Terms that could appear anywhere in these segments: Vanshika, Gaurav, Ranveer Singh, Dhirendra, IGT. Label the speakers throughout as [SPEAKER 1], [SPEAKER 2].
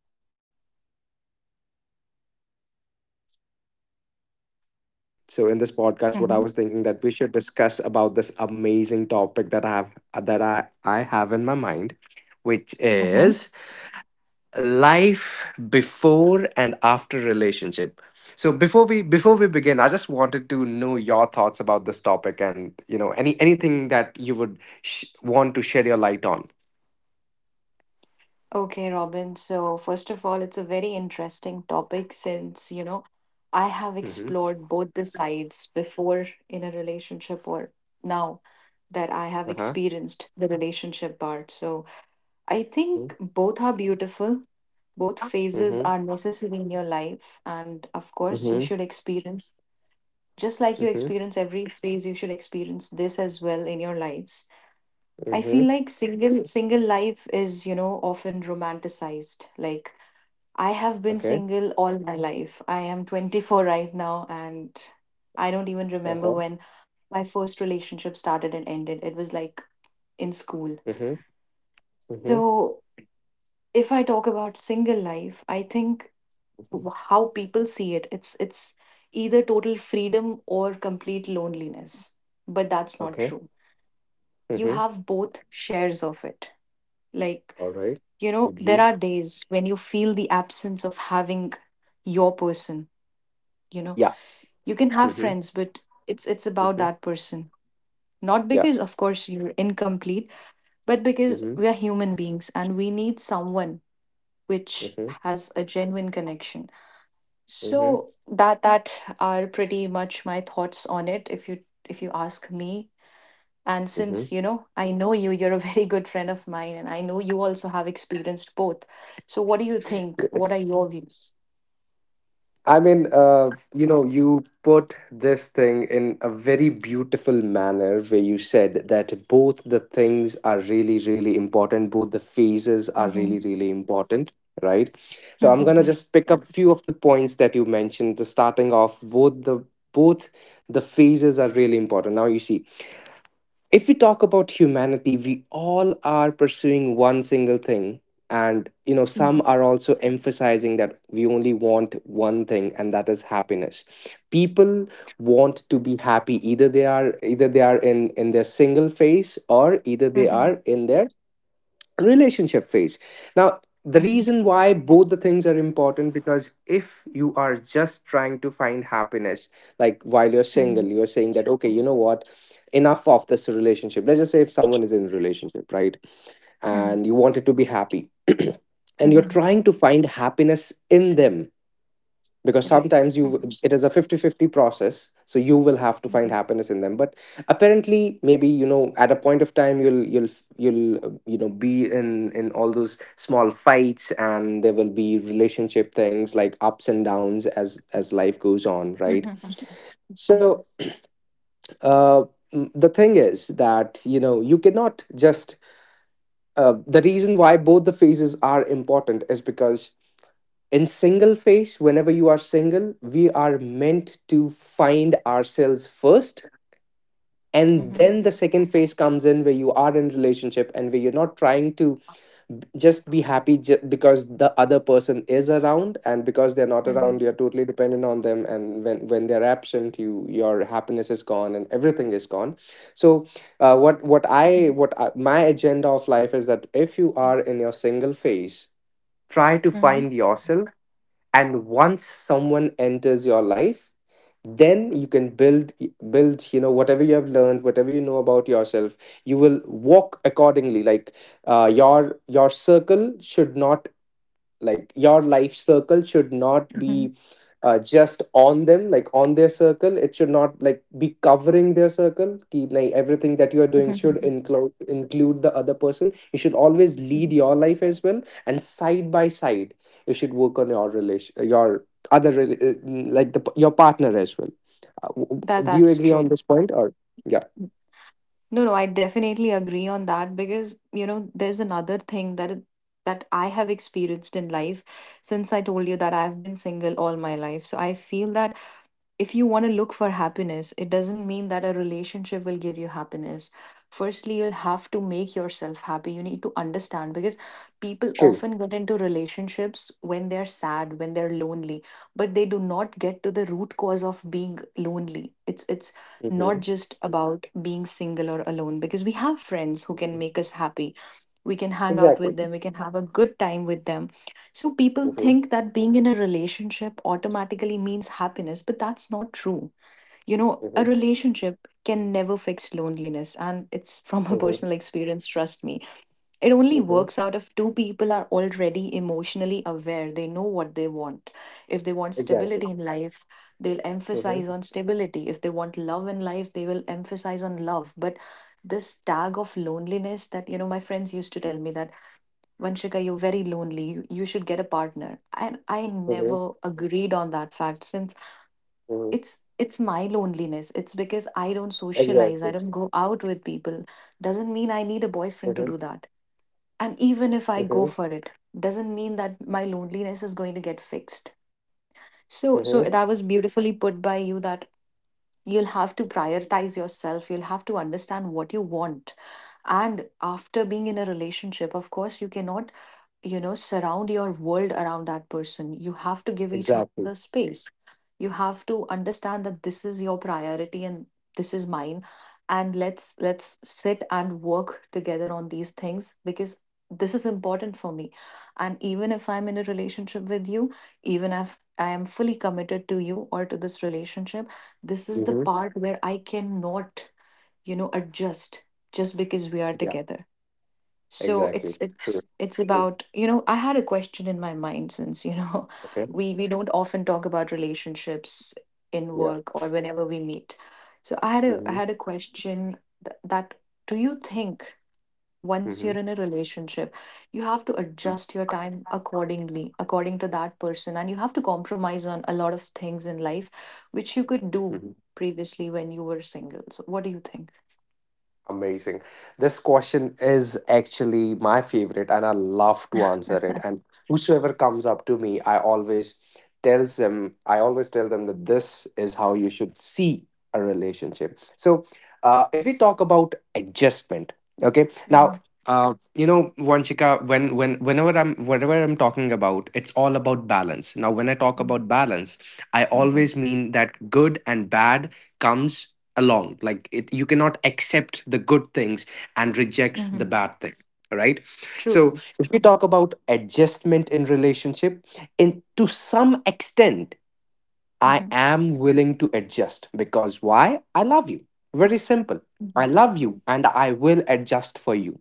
[SPEAKER 1] Hi, Vanshika. So, Vanshika, as per me, what I was thinking, so in this podcast, what I
[SPEAKER 2] Mm-hmm.
[SPEAKER 1] was thinking that we should discuss about this amazing topic that I have in my mind, which
[SPEAKER 2] Mm-hmm.
[SPEAKER 1] is life before and after relationship. So before we begin, I just wanted to know your thoughts about this topic, and anything that you would want to shed your light on.
[SPEAKER 2] Okay, Robin. So, first of all, it's a very interesting topic since, I have
[SPEAKER 1] Mm-hmm.
[SPEAKER 2] explored both the sides before in a relationship, or now that I have
[SPEAKER 1] Uh-huh.
[SPEAKER 2] experienced the relationship part. So, I think
[SPEAKER 1] Mm-hmm.
[SPEAKER 2] both are beautiful. Both phases are necessary in your life. And of course, you
[SPEAKER 1] Mm-hmm.
[SPEAKER 2] should experience, just like you
[SPEAKER 1] Mm-hmm.
[SPEAKER 2] experience every phase, you should experience this as well in your lives. I feel
[SPEAKER 1] Mm-hmm.
[SPEAKER 2] like single life is, often romanticized. Like I have been
[SPEAKER 1] Okay.
[SPEAKER 2] single all my life. I am 24 right now, and I don't even remember
[SPEAKER 1] Uh-huh.
[SPEAKER 2] when my first relationship started and ended. It was like in school.
[SPEAKER 1] Mm-hmm. Mm-hmm.
[SPEAKER 2] So, if I talk about single life, I think how people see it, it's either total freedom or complete loneliness. But that's not
[SPEAKER 1] Okay.
[SPEAKER 2] true. You
[SPEAKER 1] Mm-hmm.
[SPEAKER 2] have both shares of it. Like,
[SPEAKER 1] All right.
[SPEAKER 2] you know, there
[SPEAKER 1] Agreed.
[SPEAKER 2] are days when you feel the absence of having your person, you know.
[SPEAKER 1] Yeah.
[SPEAKER 2] You can have
[SPEAKER 1] Mm-hmm.
[SPEAKER 2] friends, but it's about
[SPEAKER 1] Mm-hmm.
[SPEAKER 2] that person. Not
[SPEAKER 1] Yeah.
[SPEAKER 2] because of course you're incomplete, but because
[SPEAKER 1] Mm-hmm.
[SPEAKER 2] we are human beings and we need someone which
[SPEAKER 1] Mm-hmm.
[SPEAKER 2] has a genuine connection.
[SPEAKER 1] Mm-hmm.
[SPEAKER 2] So that are pretty much my thoughts on it, if you ask me. And
[SPEAKER 1] Mm-hmm.
[SPEAKER 2] since, you know, I know you, you're a very good friend of mine, and I know you also have experienced both. So, what do you think? What
[SPEAKER 1] Yes.
[SPEAKER 2] are your views?
[SPEAKER 1] I mean, you put this thing in a very beautiful manner where you said that both the things are really, really important. Both the phases are
[SPEAKER 2] Mm-hmm.
[SPEAKER 1] really, really important, right? So I'm gonna
[SPEAKER 2] Mm-hmm.
[SPEAKER 1] just pick up few of the points that you mentioned. The starting off, both the phases are really important. Now you see, if we talk about humanity, we all are pursuing one single thing. And,
[SPEAKER 2] Mm-hmm.
[SPEAKER 1] some are also emphasizing that we only want one thing, and that is happiness. People want to be happy. Either they are in their single phase, or either they are in their relationship phase. Now the
[SPEAKER 2] Mm-hmm.
[SPEAKER 1] reason why both the things are important, because if you are just trying to find happiness, like while you're single, you're saying that, okay, you know what, enough of this relationship. Let's just say if someone is in a relationship, right,
[SPEAKER 2] Mm-hmm.
[SPEAKER 1] and you wanted to be happy, and you're
[SPEAKER 2] Mm-hmm.
[SPEAKER 1] trying to find happiness in them, because
[SPEAKER 2] Right.
[SPEAKER 1] sometimes
[SPEAKER 2] Mm-hmm.
[SPEAKER 1] you, it is a fifty-fifty process, so you will have to find happiness in them. But apparently, maybe, at a point of time, you'll be in all those small fights, and there will be relationship things like ups and downs, as life goes on, right? So, uh the thing is that you cannot just. The reason why both the phases are important is because in single phase, whenever you are single, we are meant to find ourselves first. And
[SPEAKER 2] Mm-hmm.
[SPEAKER 1] then the second phase comes in where you are in relationship, and where you're not trying to just be happy, because the other person is around, and because they're not
[SPEAKER 2] Mm-hmm.
[SPEAKER 1] around, you're totally dependent on them. And when they're absent, your happiness is gone and everything is gone. So,
[SPEAKER 2] Mhm,
[SPEAKER 1] my agenda of life is that if you are
[SPEAKER 2] mhm,
[SPEAKER 1] in your single phase, try to find yourself, and once someone enters your life, then you can build build whatever you have learned, whatever you know about yourself, you will walk accordingly. Like, your circle should not, like, your life circle should not
[SPEAKER 2] mhm,
[SPEAKER 1] be just on them. Like on their circle, it should not, like, be covering their circle, Ki, like everything that you are doing should
[SPEAKER 2] mhm,
[SPEAKER 1] include the other person. You should always
[SPEAKER 2] mhm.
[SPEAKER 1] lead your life as well, and side by side you should work on your relation your other rela- like the your partner as well.
[SPEAKER 2] That
[SPEAKER 1] Do you
[SPEAKER 2] that's
[SPEAKER 1] agree on
[SPEAKER 2] true.
[SPEAKER 1] this point, or? Yeah.
[SPEAKER 2] No, no, I definitely agree on that because you know there's another thing that that I have experienced in life, since I told you that I've been single all my life. So I feel that if you want to look for happiness, it doesn't mean that a
[SPEAKER 1] Mhm.
[SPEAKER 2] relationship will give you happiness. Firstly, you'll have to make yourself happy. You need to understand, because people
[SPEAKER 1] True.
[SPEAKER 2] often get into relationships when they're sad, when they're lonely, but they do not get to the root cause of being lonely. It's not
[SPEAKER 1] Mhm.
[SPEAKER 2] just about being single or alone, because we have friends who can make
[SPEAKER 1] Mhm.
[SPEAKER 2] us happy, we can hang out
[SPEAKER 1] Exactly.
[SPEAKER 2] with them, we can have a good time with them. So people
[SPEAKER 1] Mhm.
[SPEAKER 2] think that being in a relationship automatically means happiness, but that's not true. You know, a
[SPEAKER 1] Mhm.
[SPEAKER 2] relationship can never fix loneliness, and it's from a
[SPEAKER 1] Mhm.
[SPEAKER 2] personal experience, trust me. It only
[SPEAKER 1] Mhm.
[SPEAKER 2] works out if two people are already emotionally aware. They know what they want. If they want
[SPEAKER 1] Exactly.
[SPEAKER 2] stability in life, they'll emphasize
[SPEAKER 1] Mhm.
[SPEAKER 2] on stability. If they want love in life, they will emphasize on love. But this tag of loneliness that, you know, my friends used to tell me that, Vanshika, you're very lonely. You should get a partner. And I
[SPEAKER 1] Mhm.
[SPEAKER 2] never agreed on that fact, since
[SPEAKER 1] Mhm.
[SPEAKER 2] it's my loneliness. It's because I don't socialize. I
[SPEAKER 1] Exactly.
[SPEAKER 2] don't go out with people. Doesn't mean I need a boyfriend to do
[SPEAKER 1] Mhm.
[SPEAKER 2] that. And even if I go
[SPEAKER 1] Mhm.
[SPEAKER 2] for it, doesn't mean that my loneliness is going to get fixed. So so that
[SPEAKER 1] Mhm.
[SPEAKER 2] was beautifully put by you, that you'll have to prioritize yourself, you'll have to understand what you want. And after being in a relationship, of course you cannot, you know, surround your world around that person. You have to give each other
[SPEAKER 1] Exactly.
[SPEAKER 2] space. You have to understand that this is your priority and this is mine, and let's sit and work together on these things, because this is important for me. And even if I'm in a relationship with you, even if I am fully committed to you or to this relationship, this is the
[SPEAKER 1] Mhm.
[SPEAKER 2] part where I cannot, you know, adjust, just because we are
[SPEAKER 1] Yeah.
[SPEAKER 2] together. So
[SPEAKER 1] Exactly.
[SPEAKER 2] it's
[SPEAKER 1] True.
[SPEAKER 2] it's it's
[SPEAKER 1] True.
[SPEAKER 2] about, you know, I had a question in my mind, since you know,
[SPEAKER 1] Okay.
[SPEAKER 2] we don't often talk about relationships in
[SPEAKER 1] Yeah.
[SPEAKER 2] work or whenever we meet. So I had a I
[SPEAKER 1] Mhm.
[SPEAKER 2] had a question, that, do you think, once you're
[SPEAKER 1] Mhm.
[SPEAKER 2] in a relationship, you have to
[SPEAKER 1] Mhm.
[SPEAKER 2] adjust your time accordingly according to that person, and you have to compromise on a lot of things in life which you could do
[SPEAKER 1] Mhm.
[SPEAKER 2] previously when you were single. So what do you think?
[SPEAKER 1] Amazing. This question is actually my favorite, and I love to answer it. And whosoever comes up to me, I always tell them that this is how you should see a relationship. So, if we talk about adjustment, okay, now.
[SPEAKER 2] Mhm.
[SPEAKER 1] Vanchika, when whenever I'm whatever I'm talking about, it's all about balance. Now, when I talk about balance, I always
[SPEAKER 2] Mhm.
[SPEAKER 1] mean that good and bad comes along. Like, it, you cannot accept the good things and reject the
[SPEAKER 2] Mhm.
[SPEAKER 1] bad thing, all right?
[SPEAKER 2] True.
[SPEAKER 1] So if we talk about adjustment in relationship, in to some extent, I
[SPEAKER 2] Mhm,
[SPEAKER 1] am willing to adjust, because why? I love you. Very simple. I
[SPEAKER 2] mhm,
[SPEAKER 1] love you, and I will adjust for you.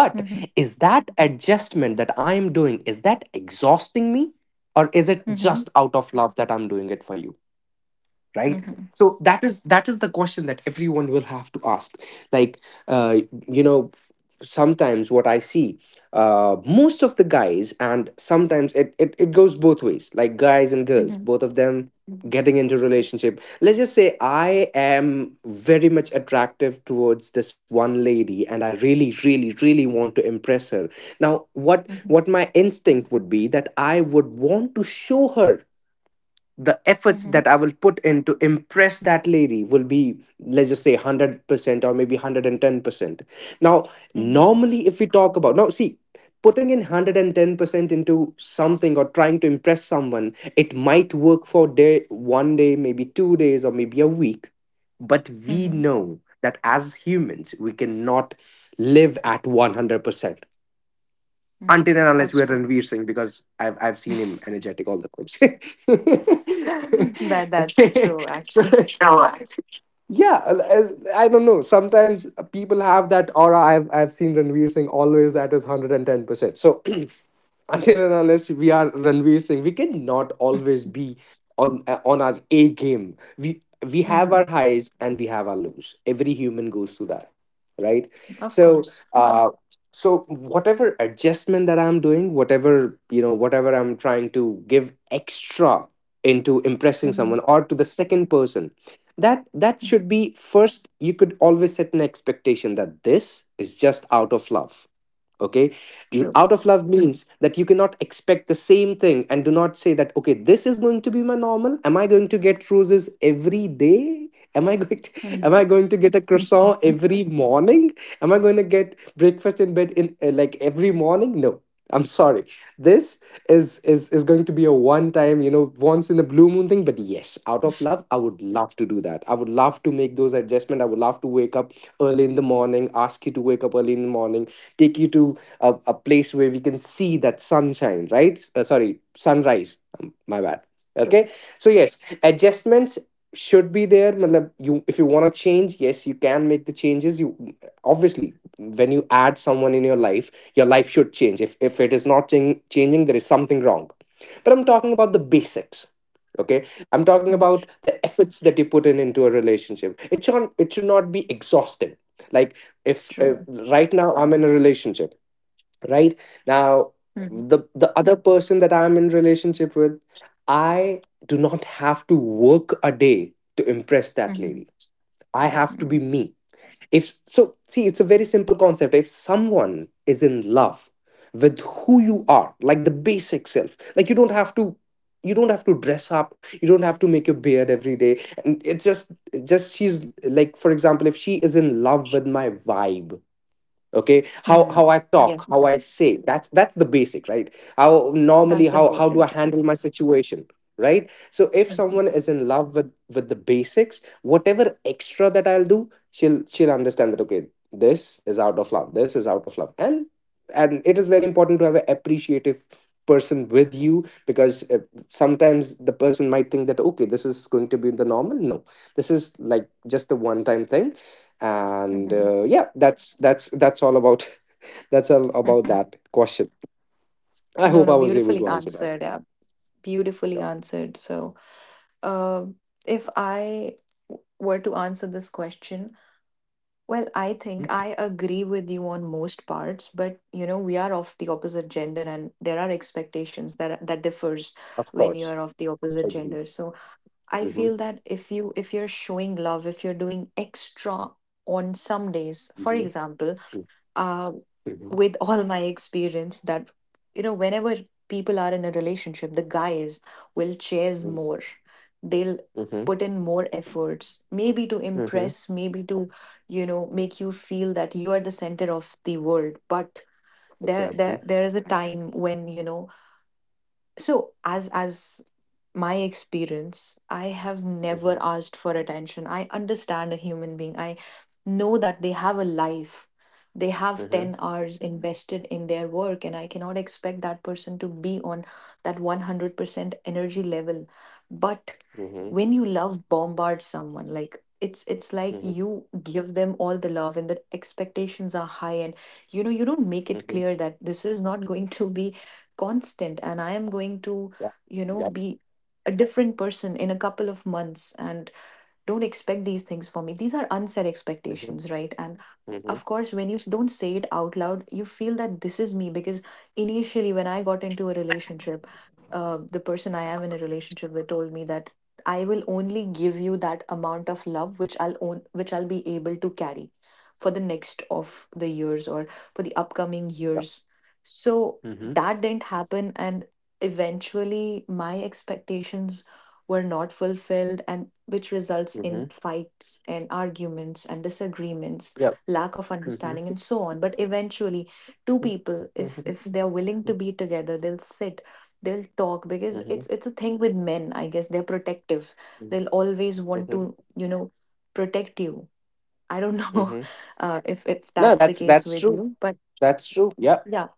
[SPEAKER 1] But
[SPEAKER 2] mhm,
[SPEAKER 1] is that adjustment that I am doing, is that exhausting me, or is it just
[SPEAKER 2] mhm,
[SPEAKER 1] out of love that I'm doing it for you? Right?
[SPEAKER 2] mhm, mhm,
[SPEAKER 1] So that is the question that everyone will have to ask. Like, uh, you know sometimes what I see, most of the guys, and sometimes it goes both ways, like guys and girls,
[SPEAKER 2] mhm,
[SPEAKER 1] both of them getting into relationship. Let's just say I am very much attractive towards this one lady, and I really really really want to impress her. Now what
[SPEAKER 2] mhm,
[SPEAKER 1] what my instinct would be, that I would want to show her. The efforts
[SPEAKER 2] mhm,
[SPEAKER 1] that I will put in to impress that lady will be, let's just say, 100% or maybe 110%. Now,
[SPEAKER 2] mhm,
[SPEAKER 1] normally, if we talk about, now see, putting in 110% into something or trying to impress someone, it might work for day, one day, maybe 2 days, or maybe a week. But we
[SPEAKER 2] mhm,
[SPEAKER 1] know that as humans, we cannot live at 100%
[SPEAKER 2] mhm.
[SPEAKER 1] until and unless we
[SPEAKER 2] That's
[SPEAKER 1] are
[SPEAKER 2] true.
[SPEAKER 1] Ranveer Singh, because I've seen him energetic all the times.
[SPEAKER 2] That that's
[SPEAKER 1] Okay,
[SPEAKER 2] true
[SPEAKER 1] so
[SPEAKER 2] actually.
[SPEAKER 1] yeah, I don't know. Sometimes people have that aura. I've seen Ranveer Singh always at his 110%. So until and unless we are Ranveer Singh, we cannot always be on our A game. We have our
[SPEAKER 2] Hmm.
[SPEAKER 1] highs, and we have our lows. Every human goes through that, right?
[SPEAKER 2] Of
[SPEAKER 1] So,
[SPEAKER 2] course.
[SPEAKER 1] uh, so whatever adjustment that I'm doing, whatever I'm trying to give extra into impressing someone,
[SPEAKER 2] Hmm.
[SPEAKER 1] or to the second person, that should
[SPEAKER 2] Hmm.
[SPEAKER 1] be first. You could always set an expectation that this is just out of love, okay?
[SPEAKER 2] True.
[SPEAKER 1] Out of love means that you cannot expect the same thing, and do not say that, okay, this is going to be my normal. Am I going to get roses every day? Am I going to, am I
[SPEAKER 2] Mhm,
[SPEAKER 1] going to get a croissant
[SPEAKER 2] mhm.
[SPEAKER 1] every morning? Am I going to get breakfast in bed in like every morning? No, I'm sorry, this is going to be a one time, once in a blue moon thing. But yes, out of love, I would love to do that, I would love to make those adjustments, I would love to wake up early in the morning, ask you to wake up early in the morning, take you to a place where we can see that sunshine, right? Sorry, sunrise. My bad.
[SPEAKER 2] True.
[SPEAKER 1] Okay. So, yes, adjustments should be there, matlab, you if you want to change, yes you can make the changes, you, obviously, when you add someone in your life, your life should change. If it is not changing, there is something wrong. But I'm talking about the basics. Okay, I'm talking
[SPEAKER 2] Mm.
[SPEAKER 1] about the efforts that you put in into a relationship. It should not be exhausting. Like, if
[SPEAKER 2] True.
[SPEAKER 1] right now I'm in a relationship, right now,
[SPEAKER 2] Mhm,
[SPEAKER 1] the other person that I'm in relationship with, I do not have to work a day to impress that
[SPEAKER 2] mhm,
[SPEAKER 1] lady. I have to be
[SPEAKER 2] mm,
[SPEAKER 1] me. If So, see, it's a very simple concept. If someone is in love with who you are, like the basic self, like you don't have to dress up, you don't have to make your beard every day. And it's just she's like, for example, if she is in love with my vibe. Okay, how
[SPEAKER 2] mm.
[SPEAKER 1] how I
[SPEAKER 2] Yeah,
[SPEAKER 1] talk, how I say, that's the basic, right? How normally,
[SPEAKER 2] that's
[SPEAKER 1] how do I
[SPEAKER 2] important.
[SPEAKER 1] handle my situation? Right, so if
[SPEAKER 2] Mhm,
[SPEAKER 1] someone is in love with the basics, whatever extra that I'll do, she'll understand that, okay, this is out of love, this is out of love. And it is very important to have an appreciative person with you, because sometimes the person might think that, okay, this is going to be the normal. No, this is like just the one time thing. And
[SPEAKER 2] mhm,
[SPEAKER 1] yeah, that's all about, that's all about
[SPEAKER 2] mhm.
[SPEAKER 1] that question. I
[SPEAKER 2] No,
[SPEAKER 1] hope
[SPEAKER 2] no,
[SPEAKER 1] I was able
[SPEAKER 2] beautifully
[SPEAKER 1] to answer that.
[SPEAKER 2] answered. Yeah, beautifully
[SPEAKER 1] Yeah.
[SPEAKER 2] answered. So, uh, if I were to answer this question, well, I
[SPEAKER 1] Mm-hmm.
[SPEAKER 2] think I agree with you on most parts, but you know, we are of the opposite gender and there are expectations that that differs
[SPEAKER 1] Of
[SPEAKER 2] when you
[SPEAKER 1] course.
[SPEAKER 2] are of the opposite gender.
[SPEAKER 1] Agreed.
[SPEAKER 2] So I
[SPEAKER 1] Mm-hmm.
[SPEAKER 2] feel that if you if you're showing love, if you're doing extra on some days, for
[SPEAKER 1] Mm-hmm.
[SPEAKER 2] example, uh,
[SPEAKER 1] Mm-hmm.
[SPEAKER 2] with all my experience, that you know whenever people are in a relationship, the guys will chase
[SPEAKER 1] Mm-hmm.
[SPEAKER 2] more. They'll
[SPEAKER 1] Mm-hmm.
[SPEAKER 2] put in more efforts, maybe to
[SPEAKER 1] Mm-hmm.
[SPEAKER 2] impress, maybe to, you know, make you feel that you are the center of the world. But there there,
[SPEAKER 1] Exactly.
[SPEAKER 2] there is a time when, you know, so as my experience, I have never
[SPEAKER 1] Mm-hmm.
[SPEAKER 2] asked for attention. I understand a human being. I know that they have a life. They have 10
[SPEAKER 1] Mm-hmm.
[SPEAKER 2] hours invested in their work, and I cannot expect that person to be on that 100% energy level. But
[SPEAKER 1] Mm-hmm.
[SPEAKER 2] when you love bombard someone, like it's like
[SPEAKER 1] Mm-hmm.
[SPEAKER 2] you give them all the love and the expectations are high, and you know you don't make it
[SPEAKER 1] Mm-hmm.
[SPEAKER 2] clear that this is not going to be constant, and I am going to,
[SPEAKER 1] Yeah.
[SPEAKER 2] you know,
[SPEAKER 1] Yep.
[SPEAKER 2] be a different person in a couple of months, and don't expect these things for me. These are unset
[SPEAKER 1] Mm-hmm.
[SPEAKER 2] expectations, right? And
[SPEAKER 1] Mm-hmm.
[SPEAKER 2] of course when you don't say it out loud, you feel that this is me. Because initially when I got into a relationship, the person I am in a relationship with told me that I will only give you that amount of love which I'll own, which I'll be able to carry for the next of the years, or for the upcoming
[SPEAKER 1] Yep.
[SPEAKER 2] years. So
[SPEAKER 1] Mm-hmm.
[SPEAKER 2] that didn't happen, and eventually my expectations were not fulfilled, and which results
[SPEAKER 1] Mm-hmm.
[SPEAKER 2] in fights and arguments and disagreements,
[SPEAKER 1] Yep.
[SPEAKER 2] lack of
[SPEAKER 1] Mm-hmm.
[SPEAKER 2] understanding, and so on. But eventually two
[SPEAKER 1] Mm-hmm.
[SPEAKER 2] people, if they're willing to be together, they'll sit, they'll talk. Because
[SPEAKER 1] Mm-hmm.
[SPEAKER 2] it's a thing with men, I guess. They're protective. They'll always want to,
[SPEAKER 1] Mm-hmm.
[SPEAKER 2] you know, protect you. I don't know.
[SPEAKER 1] Mm-hmm.
[SPEAKER 2] If
[SPEAKER 1] No,
[SPEAKER 2] that's the
[SPEAKER 1] that's
[SPEAKER 2] case
[SPEAKER 1] that's
[SPEAKER 2] with
[SPEAKER 1] true,
[SPEAKER 2] you, but
[SPEAKER 1] that's true, yep.
[SPEAKER 2] yeah.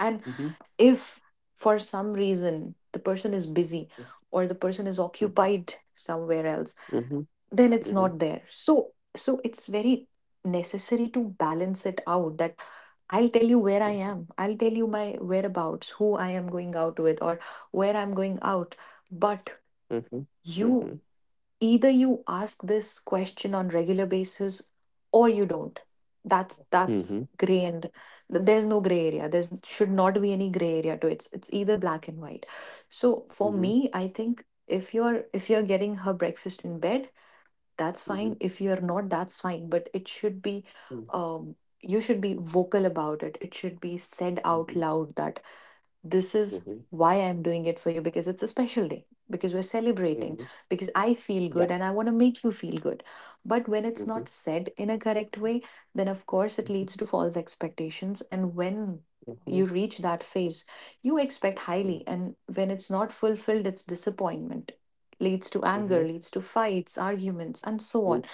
[SPEAKER 2] And
[SPEAKER 1] Mm-hmm.
[SPEAKER 2] if for some reason the person is busy, or the person is
[SPEAKER 1] Mm-hmm.
[SPEAKER 2] occupied somewhere else,
[SPEAKER 1] Mm-hmm.
[SPEAKER 2] then it's
[SPEAKER 1] Mm-hmm.
[SPEAKER 2] not there. So so it's very necessary to balance it out, that I'll tell you where I
[SPEAKER 1] Mhm,
[SPEAKER 2] am, I'll tell you my whereabouts, who I am going out with, or where I'm going out. But
[SPEAKER 1] mhm,
[SPEAKER 2] you,
[SPEAKER 1] mhm,
[SPEAKER 2] either you ask this question on regular basis or you don't. That's
[SPEAKER 1] mhm,
[SPEAKER 2] gray, and there's no gray area. Should not be any gray area to it. It's either black and white. So for
[SPEAKER 1] mhm, mhm,
[SPEAKER 2] me, I think if you're getting her breakfast in bed, that's fine.
[SPEAKER 1] mhm,
[SPEAKER 2] If you're not, that's fine. But it should be, um, you should be vocal about it. It should be said out
[SPEAKER 1] mhm,
[SPEAKER 2] loud that this is
[SPEAKER 1] mhm,
[SPEAKER 2] why I'm doing it for you, because it's a special day, because we're celebrating,
[SPEAKER 1] mhm.
[SPEAKER 2] because I feel good
[SPEAKER 1] Yeah.
[SPEAKER 2] and I want to make you feel good. But when it's not
[SPEAKER 1] Mhm,
[SPEAKER 2] said in a correct way, then of course it leads to
[SPEAKER 1] mhm,
[SPEAKER 2] false expectations. And when you
[SPEAKER 1] mhm,
[SPEAKER 2] reach that phase, you expect highly.
[SPEAKER 1] mhm,
[SPEAKER 2] And when it's not fulfilled, it's disappointment, leads to anger,
[SPEAKER 1] mhm.
[SPEAKER 2] leads to fights, arguments, and so on.
[SPEAKER 1] True,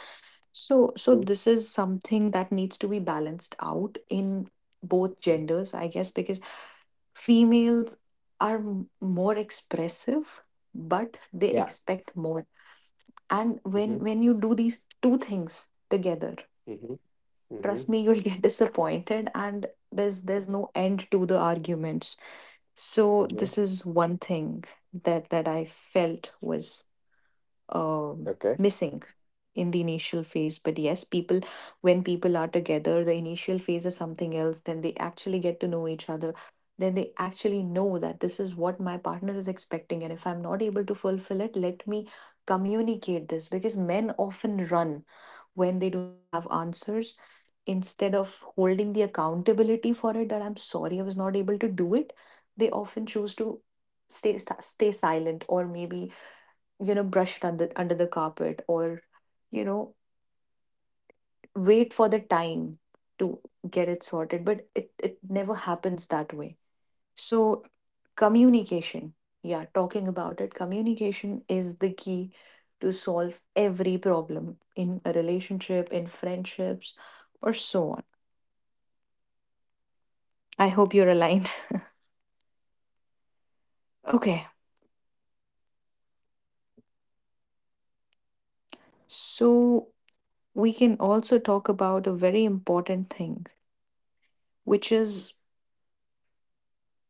[SPEAKER 2] So, so
[SPEAKER 1] true,
[SPEAKER 2] this is something that needs to be balanced out in both
[SPEAKER 1] true.
[SPEAKER 2] genders, I guess, because females are more expressive, but they
[SPEAKER 1] Yeah.
[SPEAKER 2] expect more. And
[SPEAKER 1] Mhm,
[SPEAKER 2] when you do these two things together,
[SPEAKER 1] mhm,
[SPEAKER 2] trust
[SPEAKER 1] mhm,
[SPEAKER 2] me, you'll get disappointed, and there's no end to the arguments. So this
[SPEAKER 1] mhm.
[SPEAKER 2] is one thing that that I felt was, um, missing in the initial phase. But yes, people, when people are together, the initial phase is something else. Then they actually get to know each other. Then they actually know that this is what my partner is expecting, and if I'm not able to fulfill it, let me communicate this. Because men often run when they do not have answers. Instead of holding the accountability for it that I'm sorry I was not able to do it, they often choose to stay silent, or maybe, you know, brush it under under the carpet, or, you know, wait for the time to get it sorted. But it never happens that way. So communication, yeah, talking about it, communication is the key to solve every problem, in a relationship, in friendships, or so on. I hope you're aligned. Okay. So we can also talk about a very important thing, which is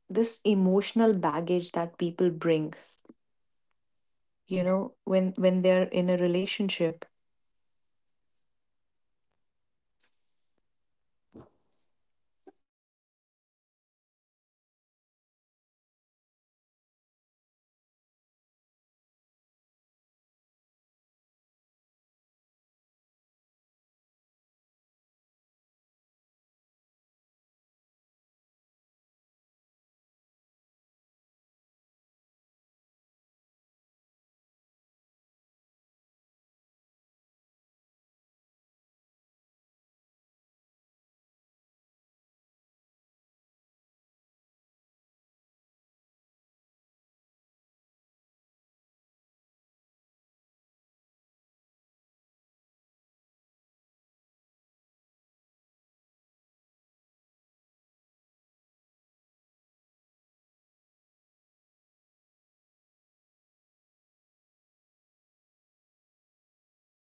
[SPEAKER 2] this emotional baggage that people bring, you know, when they're in a relationship